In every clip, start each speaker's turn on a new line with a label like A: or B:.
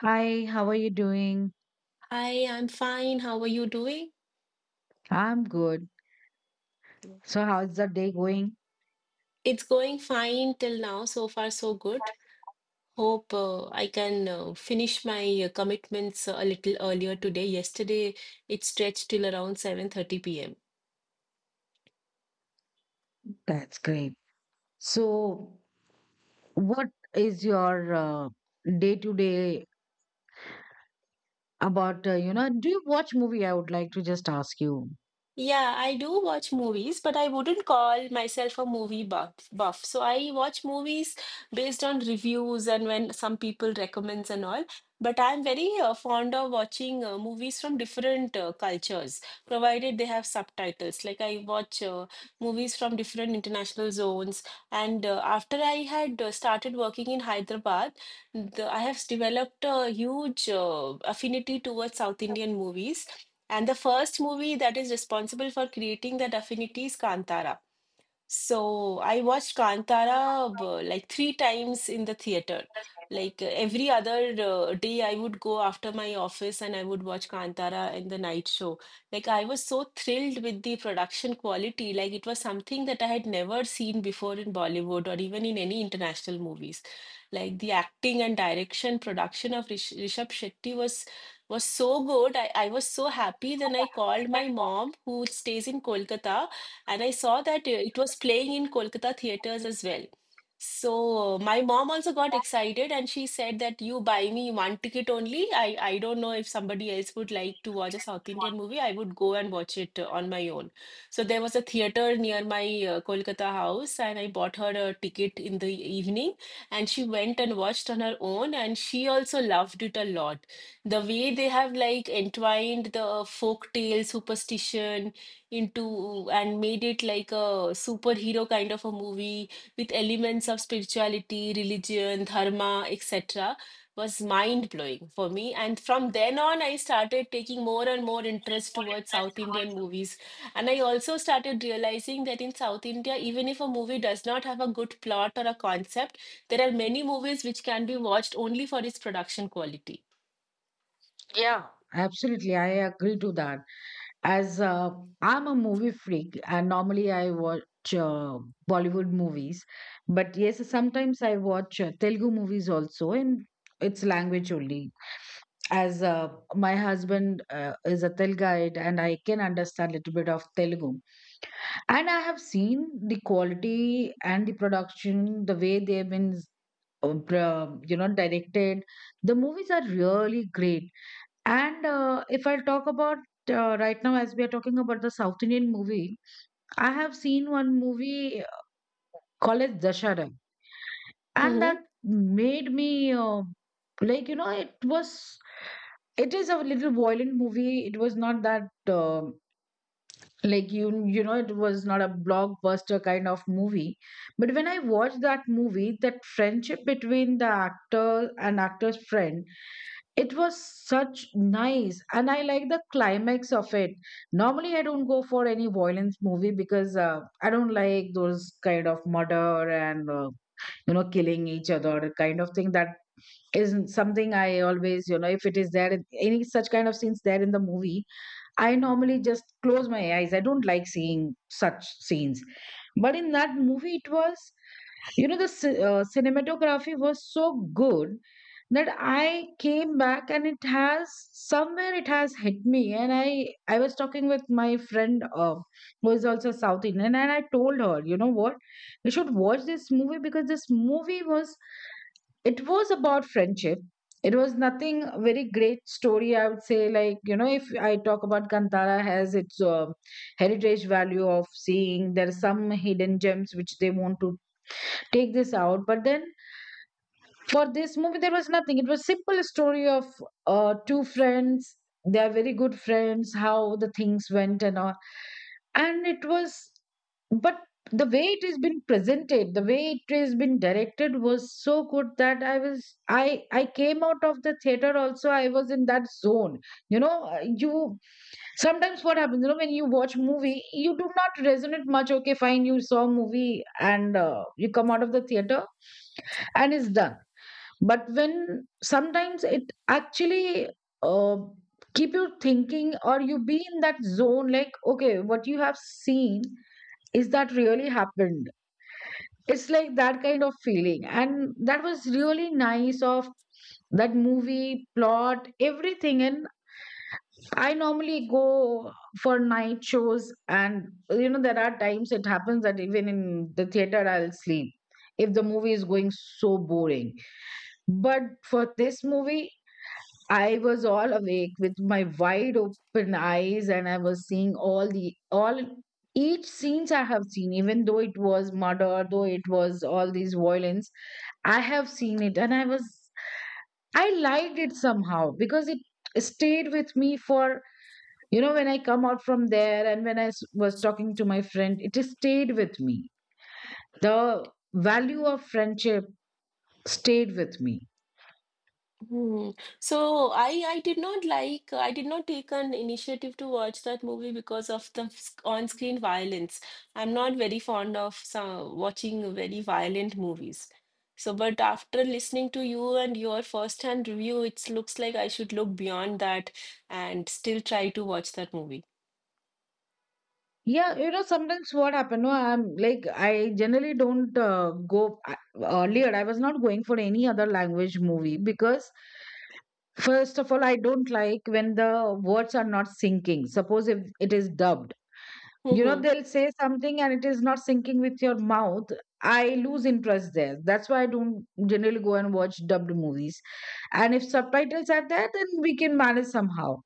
A: Hi, how are you doing?
B: Hi, I'm fine. How are you doing?
A: I'm good. So, how's the day going?
B: It's going fine till now. So far, so good. Hope I can finish my commitments a little earlier today. Yesterday, it stretched till around 7:30 p.m.
A: That's great. So, what is your day to day about? Do you watch movie? I would like to just ask you.
B: Yeah, I do watch movies, but I wouldn't call myself a movie buff. So I watch movies based on reviews and when some people recommends and all. But I'm very fond of watching movies from different cultures, provided they have subtitles. Like I watch movies from different international zones. And after I had started working in Hyderabad, I have developed a huge affinity towards South Indian movies, and the first movie that is responsible for creating that affinity is Kantara. So I watched Kantara like three times in the theater. Like every other day, I would go after my office and I would watch Kantara in the night show. Like I was so thrilled with the production quality. Like it was something that I had never seen before in Bollywood or even in any international movies. Like the acting and direction, production of Rishabh Shetty was so good. I was so happy. Then I called my mom, who stays in Kolkata, and I saw that it was playing in Kolkata theaters as well. So my mom also got excited and she said that you buy me one ticket only. I don't know if somebody else would like to watch a South Indian movie. I would go and watch it on my own. So there was a theater near my Kolkata house, and I bought her a ticket in the evening, and she went and watched on her own, and she also loved it a lot. The way they have like entwined the folk tale, superstition, into and made it like a superhero kind of a movie with elements of spirituality, religion, dharma, etc. was mind blowing for me. And from then on, I started taking more and more interest towards South Indian movies. And I also started realizing that in South India, even if a movie does not have a good plot or a concept, there are many movies which can be watched only for its production quality.
A: Yeah, absolutely. I agree to that. As I'm a movie freak, and normally I watch uh, Bollywood movies, but yes, sometimes I watch Telugu movies also in its language only. As My husband is a Tel, and I can understand a little bit of Telugu, and I have seen the quality and the production, the way they've been, directed. The movies are really great, and if I'll talk about right now, as we are talking about the South Indian movie, I have seen one movie called as Dashara, and that
B: Mhm.
A: made me it was, it is a little violent movie. It was not that, uh, like, it was not a blockbuster kind of movie, but when I watched that movie, that friendship between the actor and actor's friend, it was such nice, and I like the climax of it. Normally I don't go for any violence movie, because I don't like those kind of murder and, you know, killing each other kind of thing. That isn't something I always, you know, if it is there in any such kind of scenes there in the movie, I normally just close my eyes. I don't like seeing such scenes. But in that movie, it was, you know, the cinematography was so good that I came back and it has, somewhere it has hit me. And I was talking with my friend who is also South Indian, and I told her, you know what, you should watch this movie, because this movie was, it was about friendship. It was nothing very great story, I would say. Like, you know, if I talk about Kantara, has its heritage value of seeing, there are some hidden gems which they want to take this out, but then for this movie there was nothing. It was simple story of two friends, they are very good friends, how the things went and all, and it was, but the way it has been presented, the way it has been directed was so good that I was i I came out of the theater. Also, I was in that zone, you know. You Sometimes what happens, you know, when you watch movie, you do not resonate much. Okay, fine, you saw movie, and you come out of the theater, and it's done. But when sometimes it actually uh, keep you thinking, or you be in that zone, like, okay, what you have seen, is that really happened? It's like that kind of feeling, and that was really nice of that movie, plot, everything. And I normally go for night shows, and you know, there are times it happens that even in the theater I'll sleep if the movie is going so boring. But for this movie, I was all awake with my wide open eyes, and I was seeing all the all each scenes I have seen, even though it was murder, though it was all these violence, I have seen it, and I was I liked it somehow, because it stayed with me. For, you know, when I come out from there, and when was talking to my friend, it stayed with me. The value of friendship stayed with me.
B: Hmm. So I did not like I did not take an initiative to watch that movie because of the on-screen violence. I'm not very fond of watching very violent movies. So, but after listening to you and your first-hand review, it looks like I should look beyond that and still try to watch that movie.
A: Yeah, you know, sometimes what happened, no, I'm like, I generally don't go, earlier, I was not going for any other language movie, because first of all, I don't like when the words are not syncing. Suppose if it is dubbed. You know,
B: Mm-hmm.
A: they'll say something and it is not syncing with your mouth. I lose interest there. That's why I don't generally go and watch dubbed movies. And if subtitles are there, then we can manage somehow.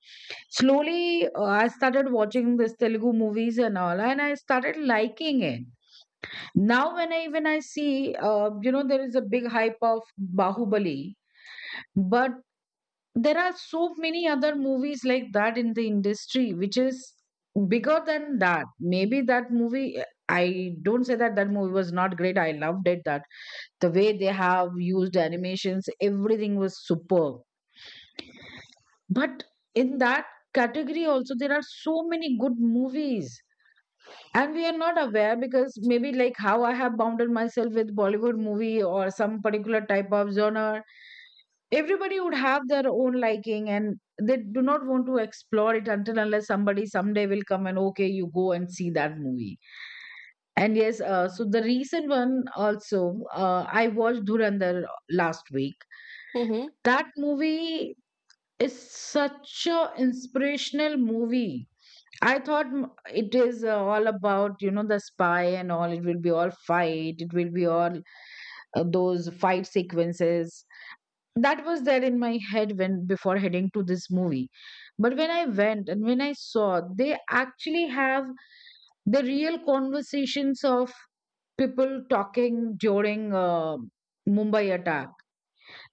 A: Slowly, I started watching this Telugu movies and all, and I started liking it. Now, when I see, you know, there is a big hype of Bahubali, but there are so many other movies like that in the industry which is bigger than that. Maybe that movie, I don't say that that movie was not great. I loved it, that the way they have used animations, everything was superb. But in that category also, there are so many good movies, and we are not aware, because maybe like how I have bounded myself with Bollywood movie or some particular type of genre. Everybody would have their own liking, and they do not want to explore it, until unless somebody someday will come and, okay, you go and see that movie. And yes, so the recent one also, I watched Dhurandhar last week.
B: Mm-hmm.
A: That movie is such a inspirational movie. I thought it is all about, you know, the spy and all. It will be all fight. It will be all those fight sequences. That was there in my head when before heading to this movie. But when I went and when I saw, they actually have the real conversations of people talking during Mumbai attack.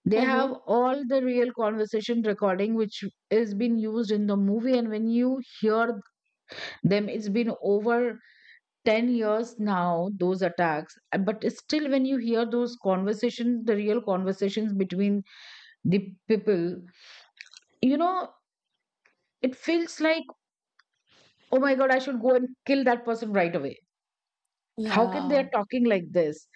A: They
B: Mm-hmm.
A: have all the real conversation recording which is been used in the movie, and when you hear them, it's been over 10 years now those attacks, but still when you hear those conversations, the real conversations between the people, you know, it feels like, oh my god, I should go and kill that person right away. How can they
B: Yeah.
A: are talking like this?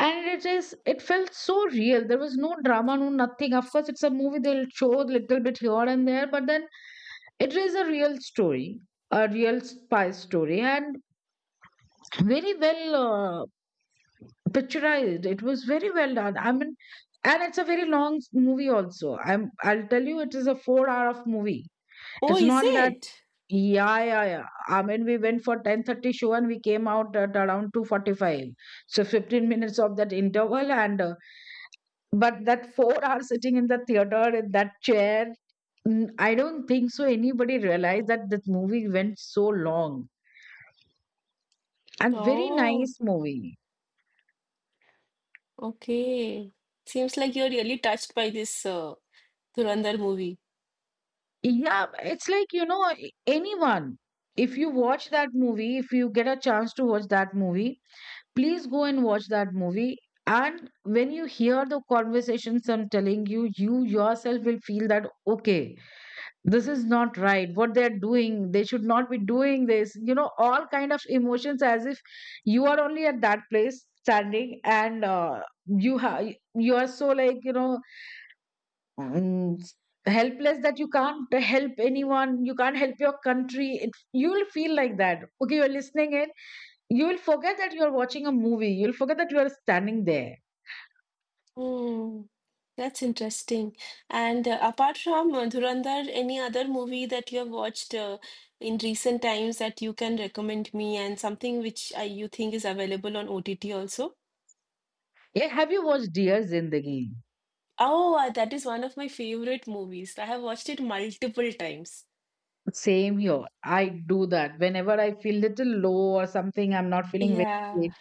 A: And it is, it felt so real. There was no drama, no nothing. Of course, it's a movie, they'll show a little bit here and there, but then it is a real story, a real spy story, and very well picturized. It was very well done. I mean, and it's a very long movie also. I'll tell you, it is a 4 hour of movie.
B: Oh,
A: It's
B: is
A: not that,
B: it?
A: yeah, yeah, yeah. I mean, we went for 10:30 show and we came out at around 2:45. So 15 minutes of that interval and but that 4 hour sitting in the theater in that chair. Mm, I don't think so anybody realized that this movie went so long, and very
B: Oh,
A: nice movie.
B: okay. Seems like you're really touched by this Dhurandhar movie.
A: Yeah, it's like, you know, anyone, if you watch that movie, if you get a chance to watch that movie, please go and watch that movie. And when you hear the conversations, I'm telling you, you yourself will feel that, okay, this is not right, what they're doing. They should not be doing this. You know, all kind of emotions, as if you are only at that place standing, and you are so, like, you know, and helpless that you can't help anyone, you can't help your country. It, you will feel like that, okay, you're listening in, you will forget that you're watching a movie, you'll forget that you are standing there.
B: Hmm, that's interesting. And apart from Dhurandhar, any other movie that you have watched in recent times that you can recommend me, and something which you think is available on OTT also?
A: Yeah, have you watched Dear Zindagi?
B: Oh, that is one of my favorite movies. I have watched it multiple times.
A: Same here, I do that whenever I feel little low or something, I'm not feeling very
B: Yeah.
A: great,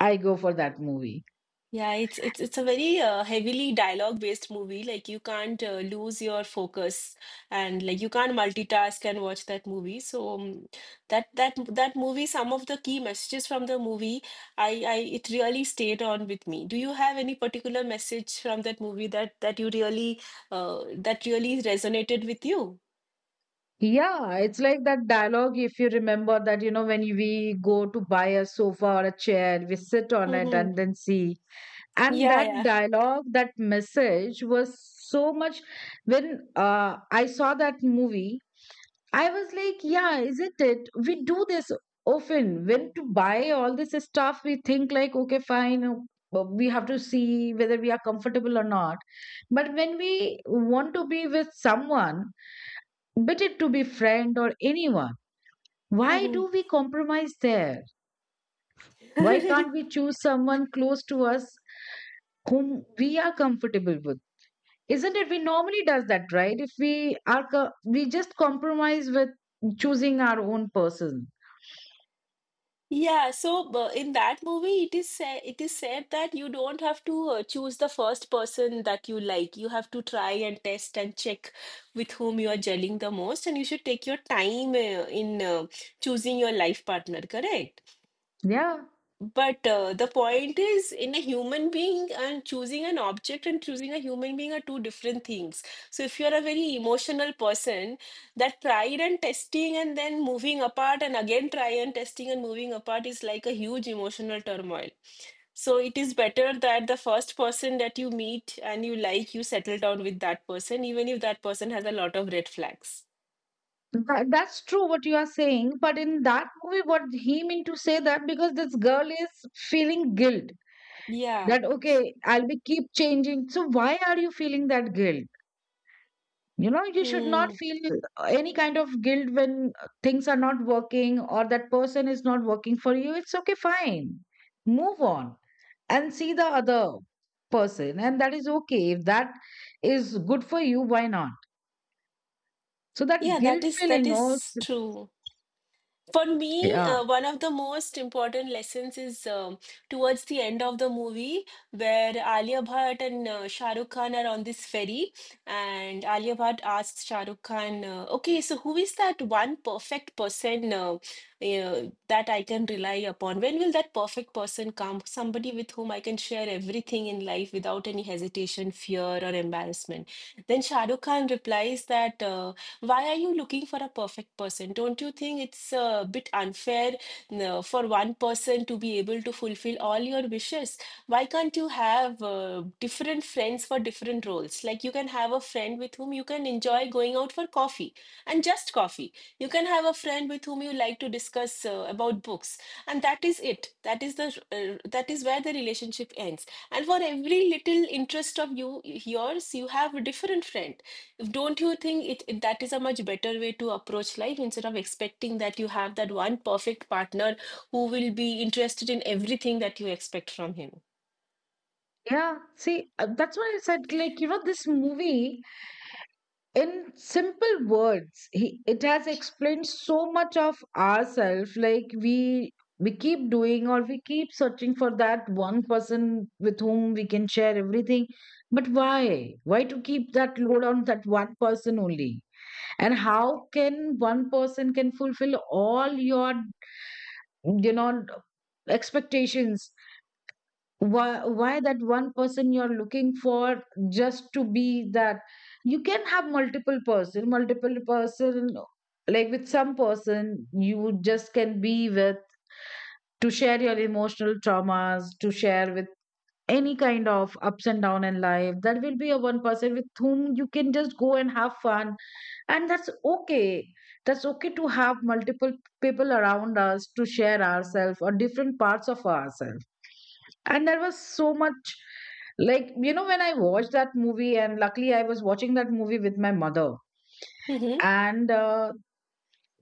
A: I go for that movie.
B: Yeah, it's a very heavily dialogue-based movie. Like you can't lose your focus, and like you can't multitask and watch that movie. So that movie, some of the key messages from the movie, I it really stayed on with me. Do you have any particular message from that movie that you really that really resonated with you?
A: Yeah, it's like that dialogue, if you remember that, you know, when we go to buy a sofa or a chair, we sit on it
B: Hmm.
A: and then see. And
B: Yeah,
A: that
B: yeah.
A: dialogue, that message was so much. When I saw that movie, I was like, yeah, isn't it? We do this often. When to buy all this stuff, we think like, okay, fine, but we have to see whether we are comfortable or not. But when we want to be with someone, be it to be friend or anyone, why
B: Hmm.
A: do we compromise there? Why can't we choose someone close to us whom we are comfortable with? Isn't it? We normally does that, right? If we are, we just compromise with choosing our own person.
B: Yeah, so in that movie, it is said that you don't have to choose the first person that you like. You have to try and test and check with whom you are gelling the most, and you should take your time in choosing your life partner, correct?
A: Yeah,
B: But the point is, in a human being and choosing an object and choosing a human being are two different things. So, if you're a very emotional person, that pride and testing and then moving apart and again try and testing and moving apart is like a huge emotional turmoil. So, it is better that the first person that you meet and you like, you settle down with that person, even if that person has a lot of red flags.
A: That's true what you are saying. But in that movie, what he meant to say that, because this girl is feeling guilt
B: Yeah.
A: that, okay, I'll be keep changing. So why are you feeling that guilt? You know, you should not
B: Hmm.
A: feel any kind of guilt when things are not working or that person is not working for you. It's okay, fine, move on and see the other person. And that is okay. If that is good for you, why not? So that
B: Yeah, that
A: guilt
B: is that
A: feeling, oh,
B: is
A: it's-
B: true. For me,
A: yeah,
B: one of the most important lessons is towards the end of the movie, where Alia Bhatt and Shah Rukh Khan are on this ferry, and Alia Bhatt asks Shah Rukh Khan, "Okay, so who is that one perfect person uh, that I can rely upon? When will that perfect person come? Somebody with whom I can share everything in life without any hesitation, fear, or embarrassment?" Then Shah Rukh Khan replies that. Why are you looking for a perfect person? Don't you think it's a bit unfair for one person to be able to fulfill all your wishes? Why can't you have different friends for different roles? Like you can have a friend with whom you can enjoy going out for coffee and just coffee. You can have a friend with whom you like to discuss about books, and that is it. That is where the relationship ends. And for every little interest of yours, you have a different friend, don't you think that is a much better way to approach life instead of expecting that you have that one perfect partner who will be interested in everything that you expect from him?
A: yeah. See, that's why I said, like, you know, this movie in simple words it has explained so much of ourselves, like we keep doing, or we keep searching for that one person with whom we can share everything. But why to keep that load on that one person only? And how can one person can fulfill all your you know expectations? Why that one person you're looking for just to be that? You can have multiple person, like with some person you just can be with to share your emotional traumas, to share with any kind of ups and down in life, that will be a one person with whom you can just go and have fun. And that's okay. That's okay to have multiple people around us, to share ourselves or different parts of ourselves. And there was so much, like, you know, when I watched that movie, and luckily I was watching that movie with my mother,
B: Mm-hmm.
A: and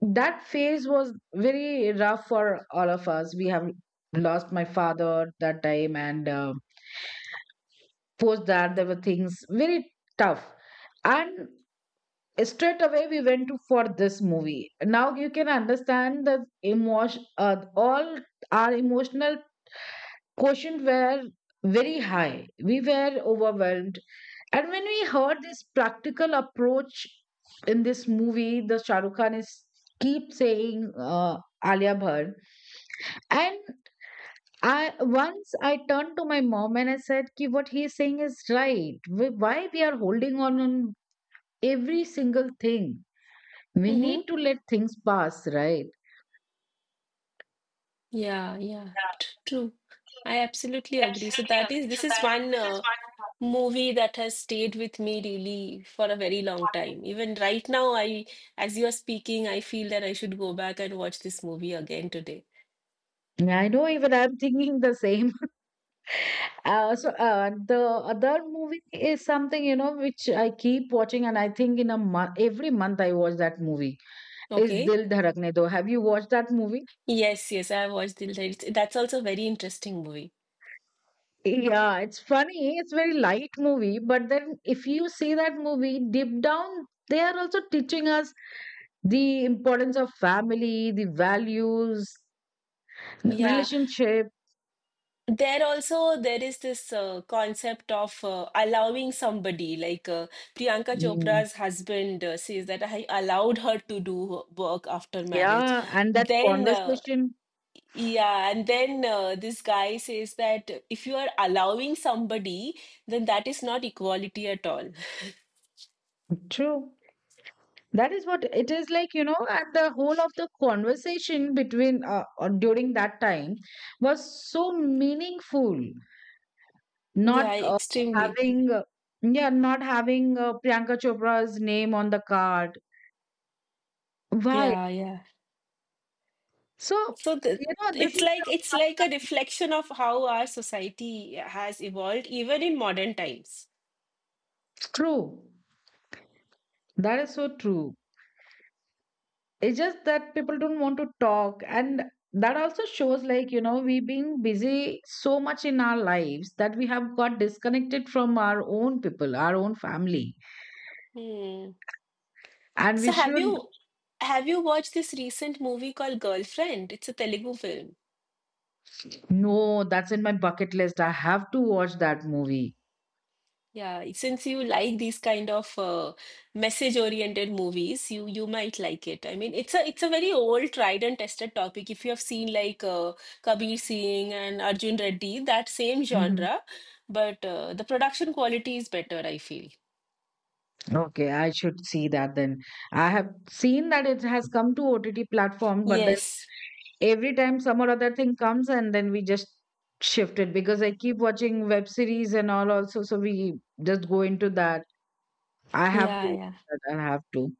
A: that phase was very rough for all of us. We have lost my father that time, and post that there were things very tough. And straight away we went to for this movie. Now you can understand the emotion, all our emotional quotient were very high. We were overwhelmed. And when we heard this practical approach in this movie, the Shah Rukh Khan is keep saying, Alia Bhatt, and I, once I turned to my mom and I said, "Ki what he is saying is right. Why we are holding on every single thing? We
B: Mm-hmm.
A: need to let things pass, right?"
B: Yeah, yeah, true. I absolutely agree. So that is this is one movie that has stayed with me really for a very long time. Even right now, I as you are speaking, I feel that I should go back and watch this movie again today.
A: I know, even I'm thinking the same. The other movie is something, you know, which I keep watching, and I think in a month, every month I watch that movie. Is
B: Okay.
A: Dil Dharakne Do. Have you watched that movie?
B: Yes, yes, I watched Dil Dali. That's also a very interesting movie.
A: Yeah, it's funny. It's very light movie, but then if you see that movie deep down, they are also teaching us the importance of family, the values,
B: Yeah.
A: relationship.
B: There also there is this concept of allowing somebody like Priyanka
A: Mm.
B: Chopra's husband says that I allowed her to do work after marriage.
A: Yeah, and that
B: Then
A: conversation.
B: yeah, and then this guy says that if you are allowing somebody, then that is not equality at all.
A: True. That is what it is like, you know, and the whole of the conversation between during that time was so meaningful.
B: Yeah,
A: Not
B: extremely.
A: having, yeah, not having Priyanka Chopra's name on the card. Why?
B: Yeah, yeah.
A: So,
B: So the,
A: you know, this
B: it's
A: is
B: like it's
A: uh,
B: like a reflection of how our society has evolved, even in modern times.
A: true. That is so true. It's just that people don't want to talk. And that also shows, like, you know, we being busy so much in our lives that we have got disconnected from our own people, our own family.
B: Hmm.
A: And
B: So
A: we
B: have
A: should
B: you have you watched this recent movie called Girlfriend? It's a Telugu film.
A: know, that's in my bucket list. I have to watch that movie.
B: Yeah, since you like these kind of message-oriented movies, you might like it. I mean, it's a very old, tried and tested topic. If you have seen like Kabir Singh and Arjun Reddy, that same genre, but the production quality is better, I feel.
A: Okay, I should see that then. I have seen that it has come to OTT platform, but then
B: Yes.
A: every time some or other thing comes, and then we just shift it because I keep watching web series and all also, so we just go into that. I have
B: Yeah,
A: to,
B: yeah.
A: I have to.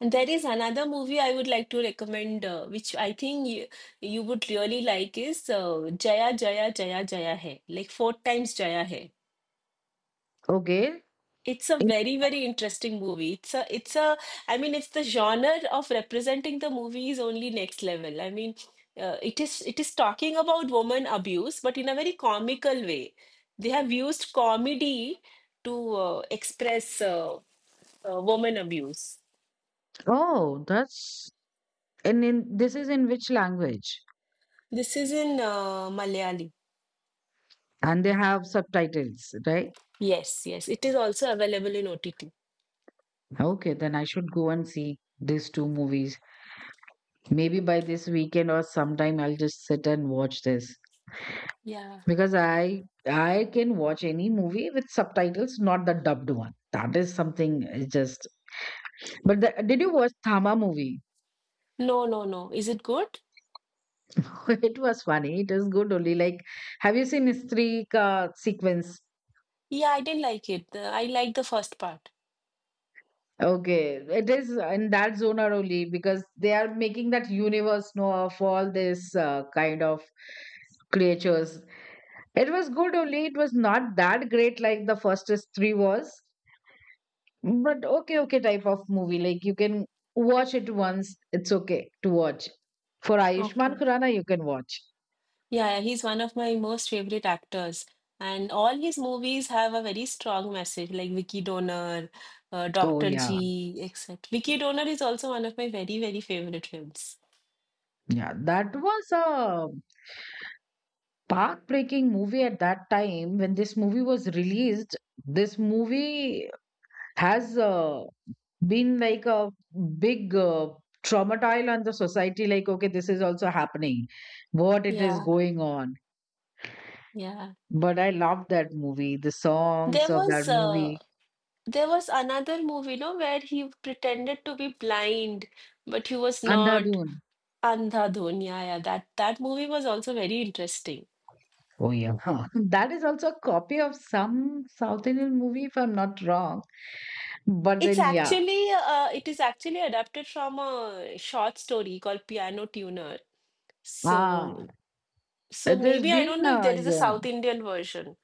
B: And there is another movie I would like to recommend, which I think you would really like is Jaya Jaya Jaya Jaya Hai, like four times Jaya Hai.
A: Okay.
B: It's a
A: In-
B: very, very interesting movie. I mean, it's the genre of representing the movie is only next level. I mean, it is talking about woman abuse, but in a very comical way. They have used comedy to express woman abuse.
A: Oh, that's, and in this is in which language?
B: This is in Malayali.
A: And they have subtitles, right?
B: Yes, yes. It is also available in OTT.
A: Okay, then I should go and see these two movies. Maybe by this weekend or sometime I'll just sit and watch this.
B: Yeah.
A: Because I can watch any movie with subtitles, not the dubbed one. That is something, just but the, did you watch Thama movie?
B: No, no, no. Is it good?
A: It was funny. It is good only. Like, have you seen History Ka sequence?
B: Yeah, I didn't like it. I liked the first part.
A: Okay, it is in that zone are only, because they are making that universe, know, of all this kind of creatures. It was good only. It was not that great, like the first three was, but okay, okay type of movie. Like, you can watch it once. It's okay to watch. For Ayushman
B: Okay.
A: Khurana, you can watch.
B: Yeah, he's one of my most favorite actors. And all his movies have a very strong message, like Vicky Donor,
A: Oh
B: Dr.
A: yeah,
B: G, etc. Vicky Donor is also one of my very, very favorite films.
A: yeah, that was a path breaking movie at that time. When this movie was released, this movie has been like a big traumatile on the society. Like, okay, this is also happening. What it is
B: Yeah,
A: going on.
B: yeah.
A: But I love that movie, the songs
B: There
A: of that
B: was uh,
A: movie.
B: there was another movie, no, where he pretended to be blind, but he was not.
A: Andhadhun.
B: Andhadhun, yeah, yeah. That movie was also very interesting.
A: Oh, yeah. That is also a copy of some South Indian movie, if I'm not wrong. But then, yeah,
B: It is actually adapted from a short story called Piano Tuner.
A: ah,
B: So so
A: it has
B: maybe I
A: been,
B: don't know if there is a
A: yeah,
B: South Indian version.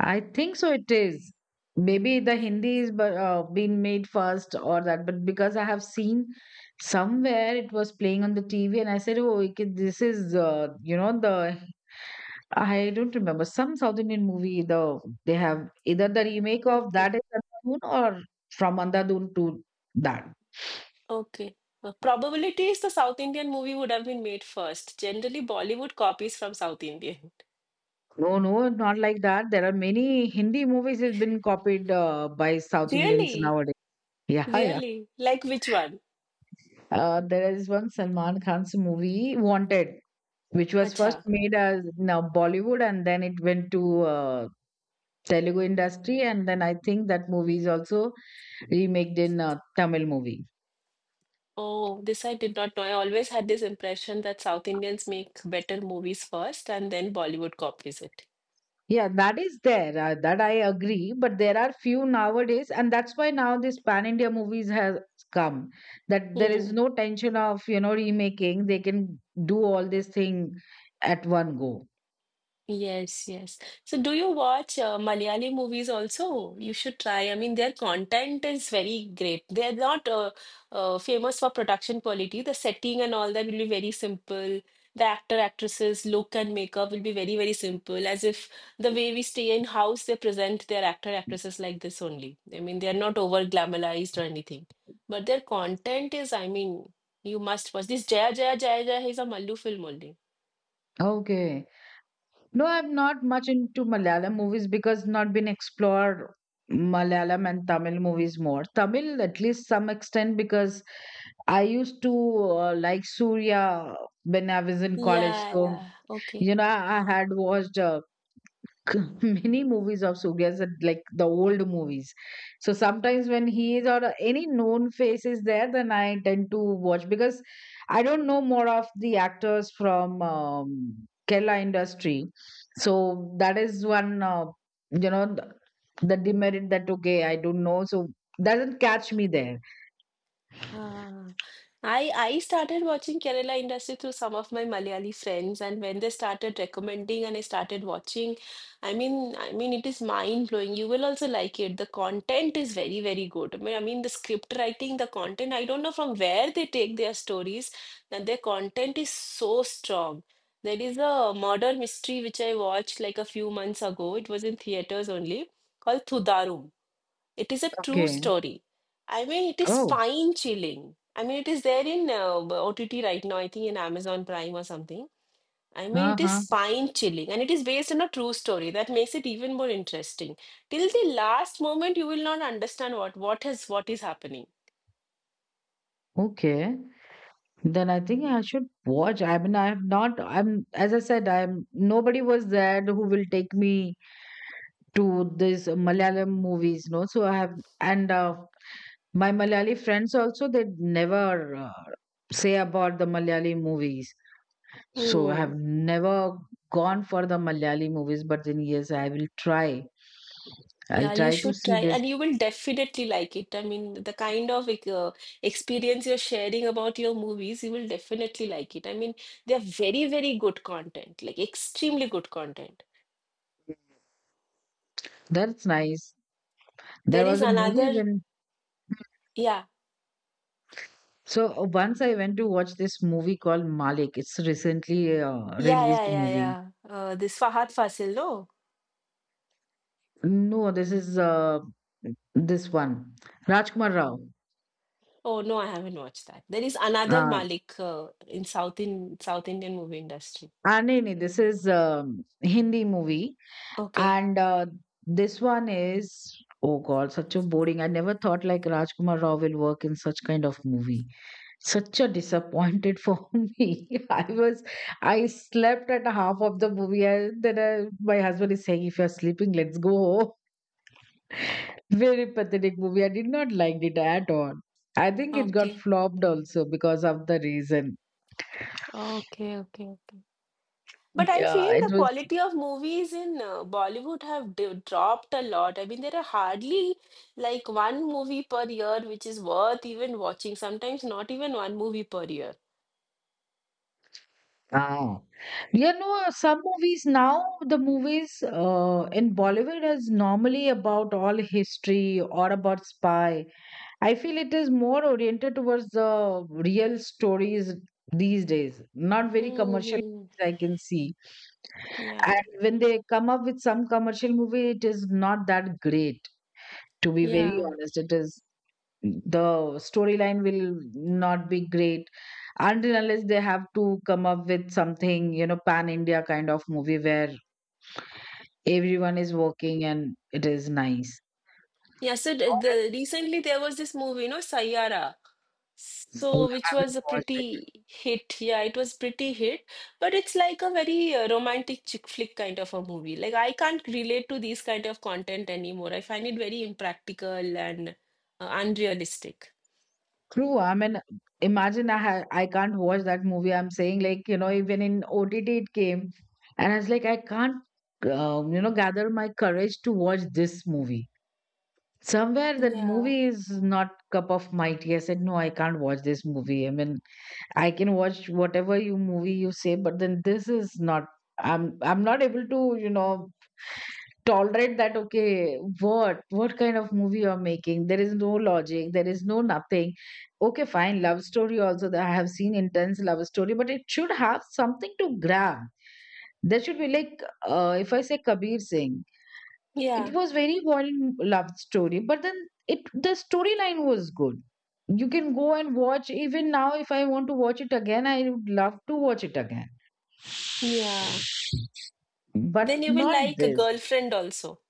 A: I think so. It is maybe the Hindi is but been made first or that, but because I have seen somewhere it was playing on the TV, and I said, oh, okay, this is, you know, the, I don't remember, some South Indian movie. The, they have either the remake
B: Could
A: of that
B: be.
A: is Andhadhun or from Andhadhun to that.
B: Okay. Probability is the South Indian movie would have been made first. Generally, Bollywood copies from South Indian.
A: No, no, not like that. There are many Hindi movies has been copied by South Indians
B: Really?
A: nowadays. Yeah, yeah.
B: Really? Like which one?
A: There is one Salman Khan's movie Wanted, which was first
B: Acha.
A: made as now Bollywood, and then it went to Telugu industry, and then I think that movie is also remaked in Tamil movie.
B: Oh, this I did not know. I always had this impression that South Indians make better movies first and then Bollywood copies it.
A: Yeah, that is there. That I agree. But there are few nowadays, and that's why now this pan India movies has come. That there is
B: Hmm.
A: no tension of, you know, remaking. They can do all this thing at one go.
B: Yes, yes. So, do you watch Malayali movies also? You should try. I mean, their content is very great. They're not famous for production quality. The setting and all that will be very simple. The actor, actresses, look and makeup will be very, very simple, as if the way we stay in house, they present their actor, actresses like this only. I mean, they're not over glamorized or anything. But their content is, I mean, you must watch. This Jaya Jaya Jaya Jaya is a Mallu film only.
A: Okay. No, I'm not much into Malayalam movies because not been explored Malayalam and Tamil movies more. Tamil at least some extent, because I used to like Surya when I was in college.
B: Yeah,
A: So,
B: yeah. Okay.
A: you know, I had watched. Many movies of Surya's are like the old movies. So sometimes when he is or any known face is there, then I tend to watch, because I don't know more of the actors from Kerala industry. So that is one, you know, the demerit that okay, I don't know. So doesn't catch me there.
B: Ah, I started watching Kerala industry through some of my Malayali friends, and when they started recommending and I started watching, I mean, it is mind blowing. You will also like it. The content is very, very good. I mean, the script writing, the content. I don't know from where they take their stories, and their content is so strong. There is a murder mystery which I watched like a few months ago. It was in theaters only, called Thudarum. It is a true
A: Okay.
B: story. I mean, it is
A: Oh.
B: spine chilling. I mean, it is there in OTT right now, I think in Amazon Prime or something. I mean,
A: Uh
B: it is
A: huh.
B: spine chilling and it is based on a true story that makes it even more interesting. Till the last moment, you will not understand what is happening.
A: Okay. Then I think I should watch. I mean, I have not. I'm, as I said, I'm nobody was there who will take me to this Malayalam movies. No, so I have, and my Malayali friends also, they never say about the Malayali movies. So I have
B: Hmm.
A: never gone for the Malayali movies. But then yes, I will try. I'll
B: Yeah, you
A: try to
B: should
A: see
B: try,
A: this.
B: and you will definitely like it. I mean, the kind of like, experience you're sharing about your movies, you will definitely like it. I mean, they're very, very good content, like extremely good content.
A: That's nice.
B: There
A: There
B: is
A: was a movie
B: another,
A: when,
B: yeah,
A: so once I went to watch this movie called Malik. It's recently
B: yeah, yeah,
A: released
B: yeah,
A: movie.
B: yeah. This Fahad Fasil, no?
A: No, this is this one. Rajkumar Rao.
B: Oh no, I haven't watched that. There is another
A: Uh,
B: Malik in South Indian movie industry.
A: ah, nahi, nahi, this is Hindi movie.
B: Okay,
A: And this one is, oh God, such a boring. I never thought like Rajkumar Rao will work in such kind of movie. Such a disappointed for me. I slept at half of the movie. My husband is saying, if you're sleeping, let's go. Very pathetic movie. I did not like it at all. I think it got
B: okay,
A: flopped also because of the reason.
B: okay, okay. But I
A: Yeah,
B: feel
A: it
B: the
A: was.
B: quality of movies in Bollywood have d dropped a lot. I mean, there are hardly like one movie per year which is worth even watching. Sometimes not even one movie per year.
A: Ah. You know, some movies now, the movies in Bollywood is normally about all history or about spy. I feel it is more oriented towards the real stories these days, not very commercial
B: Hmm.
A: movies I can see,
B: Yeah.
A: and when they come up with some commercial movie, it is not that great. To be very
B: Yeah.
A: honest, it is the storyline will not be great until unless they have to come up with something, you know, pan India kind of movie where everyone is working and it is nice.
B: Yeah. So the Recently there was this movie, Saiyaara.
A: So
B: So,
A: I
B: which
A: haven't
B: was a
A: watched it.
B: pretty hit. Yeah, it was pretty hit, but it's like a very romantic chick flick kind of a movie. Like I can't relate to these kind of content anymore. I find it very impractical and unrealistic.
A: True, I mean, imagine, I can't watch that movie. I'm saying, like, you know, even in OTT it came, and I was like, I can't you know, gather my courage to watch this movie. Somewhere that
B: Yeah,
A: movie is not cup of my tea. I said no, I can't watch this movie. I mean, I can watch whatever you movie you say, but then this is not. I'm not able to, you know, tolerate that. Okay, what kind of movie you're making? There is no logic. There is no nothing. Okay, fine. Love story also, that I have seen intense love story, but it should have something to grab. There should be like, if I say Kabir Singh,
B: yeah,
A: it was very violent love story, but then it the storyline was good. You can go and watch even now. If I want to watch it again, I would love to watch it again.
B: yeah.
A: But
B: Then you will
A: not
B: like a
A: this.
B: girlfriend also.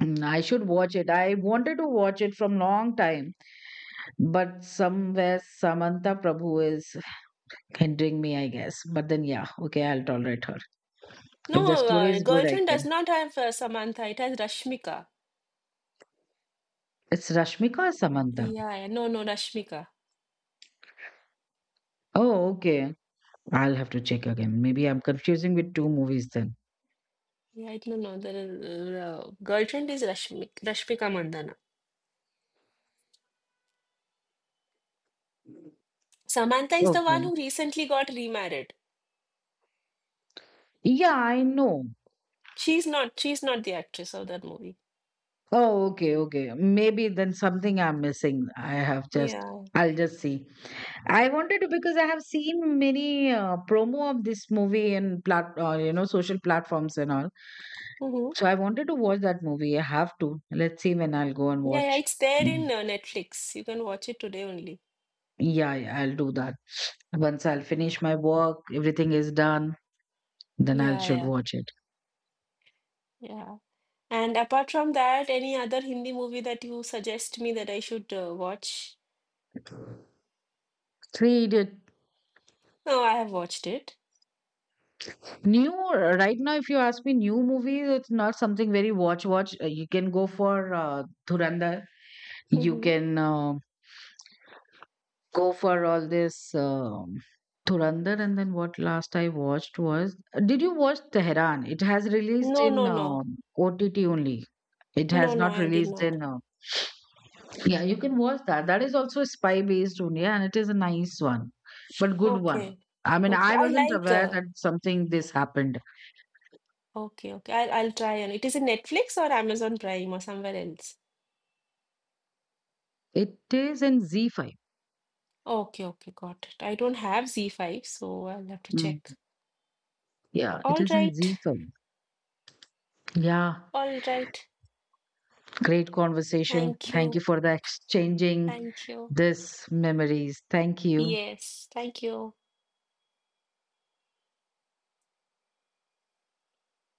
A: Mm, I should watch it. I wanted to watch it from long time, but somewhere Samantha Prabhu is hindering me, I guess. But then yeah, okay, I'll tolerate her. If the
B: No,
A: story is good, I
B: girlfriend does
A: can.
B: not have Samantha. It has Rashmika.
A: It's Rashmika or Samantha?
B: Yeah, yeah. No, no, Rashmika.
A: Oh okay, I'll have to check again. Maybe I'm confusing with two movies then.
B: Yeah, I don't know. The girlfriend is Rashmika, Rashmika Mandana. Samantha is the one
A: Okay.
B: who recently got remarried.
A: Yeah, I know.
B: She's not. She's not the actress of that movie.
A: Oh, okay, okay. Maybe then something I'm missing.
B: Yeah.
A: I'll just see. I wanted to, because I have seen many promo of this movie in plat, you know, social platforms and all.
B: Hmm.
A: So I wanted to watch that movie. I have to. Let's see when I'll go and
B: Yeah, yeah.
A: watch.
B: It's there
A: Mm.
B: in Netflix. You can watch it today only.
A: Yeah, yeah, I'll do that. Once I'll finish my work, everything is done, then I will
B: Yeah,
A: should
B: yeah,
A: watch it.
B: yeah. And apart from that, any other Hindi movie that you suggest me that I should watch?
A: Three Idiots.
B: No, I have watched it.
A: New right now, if you ask me, new movies, it's not something very watch. You can go for Dhurandhar. You
B: Hmm.
A: can go for all this Dhurandhar, and then what last I watched was, did you watch Tehran? It has released
B: No,
A: in
B: no, no,
A: OTT only. It
B: no,
A: has
B: no.
A: not
B: I did
A: released
B: not.
A: in. Yeah, you can watch that. That is also spy based only, and it is a nice one, but good one.
B: Okay,
A: I mean,
B: okay.
A: I
B: I
A: wasn't
B: like.
A: aware that something this happened.
B: Okay, okay. I'll try. And it is in Netflix or Amazon Prime or somewhere else.
A: It is in Z5.
B: Okay, okay, got it. I don't have Z5, so I'll have to check.
A: Yeah, it
B: All
A: is in Z
B: right,
A: film. Yeah,
B: all right.
A: great conversation.
B: Thank
A: Thank you
B: you,
A: for the exchanging
B: thank you.
A: this memories. Thank you.
B: Yes, thank you.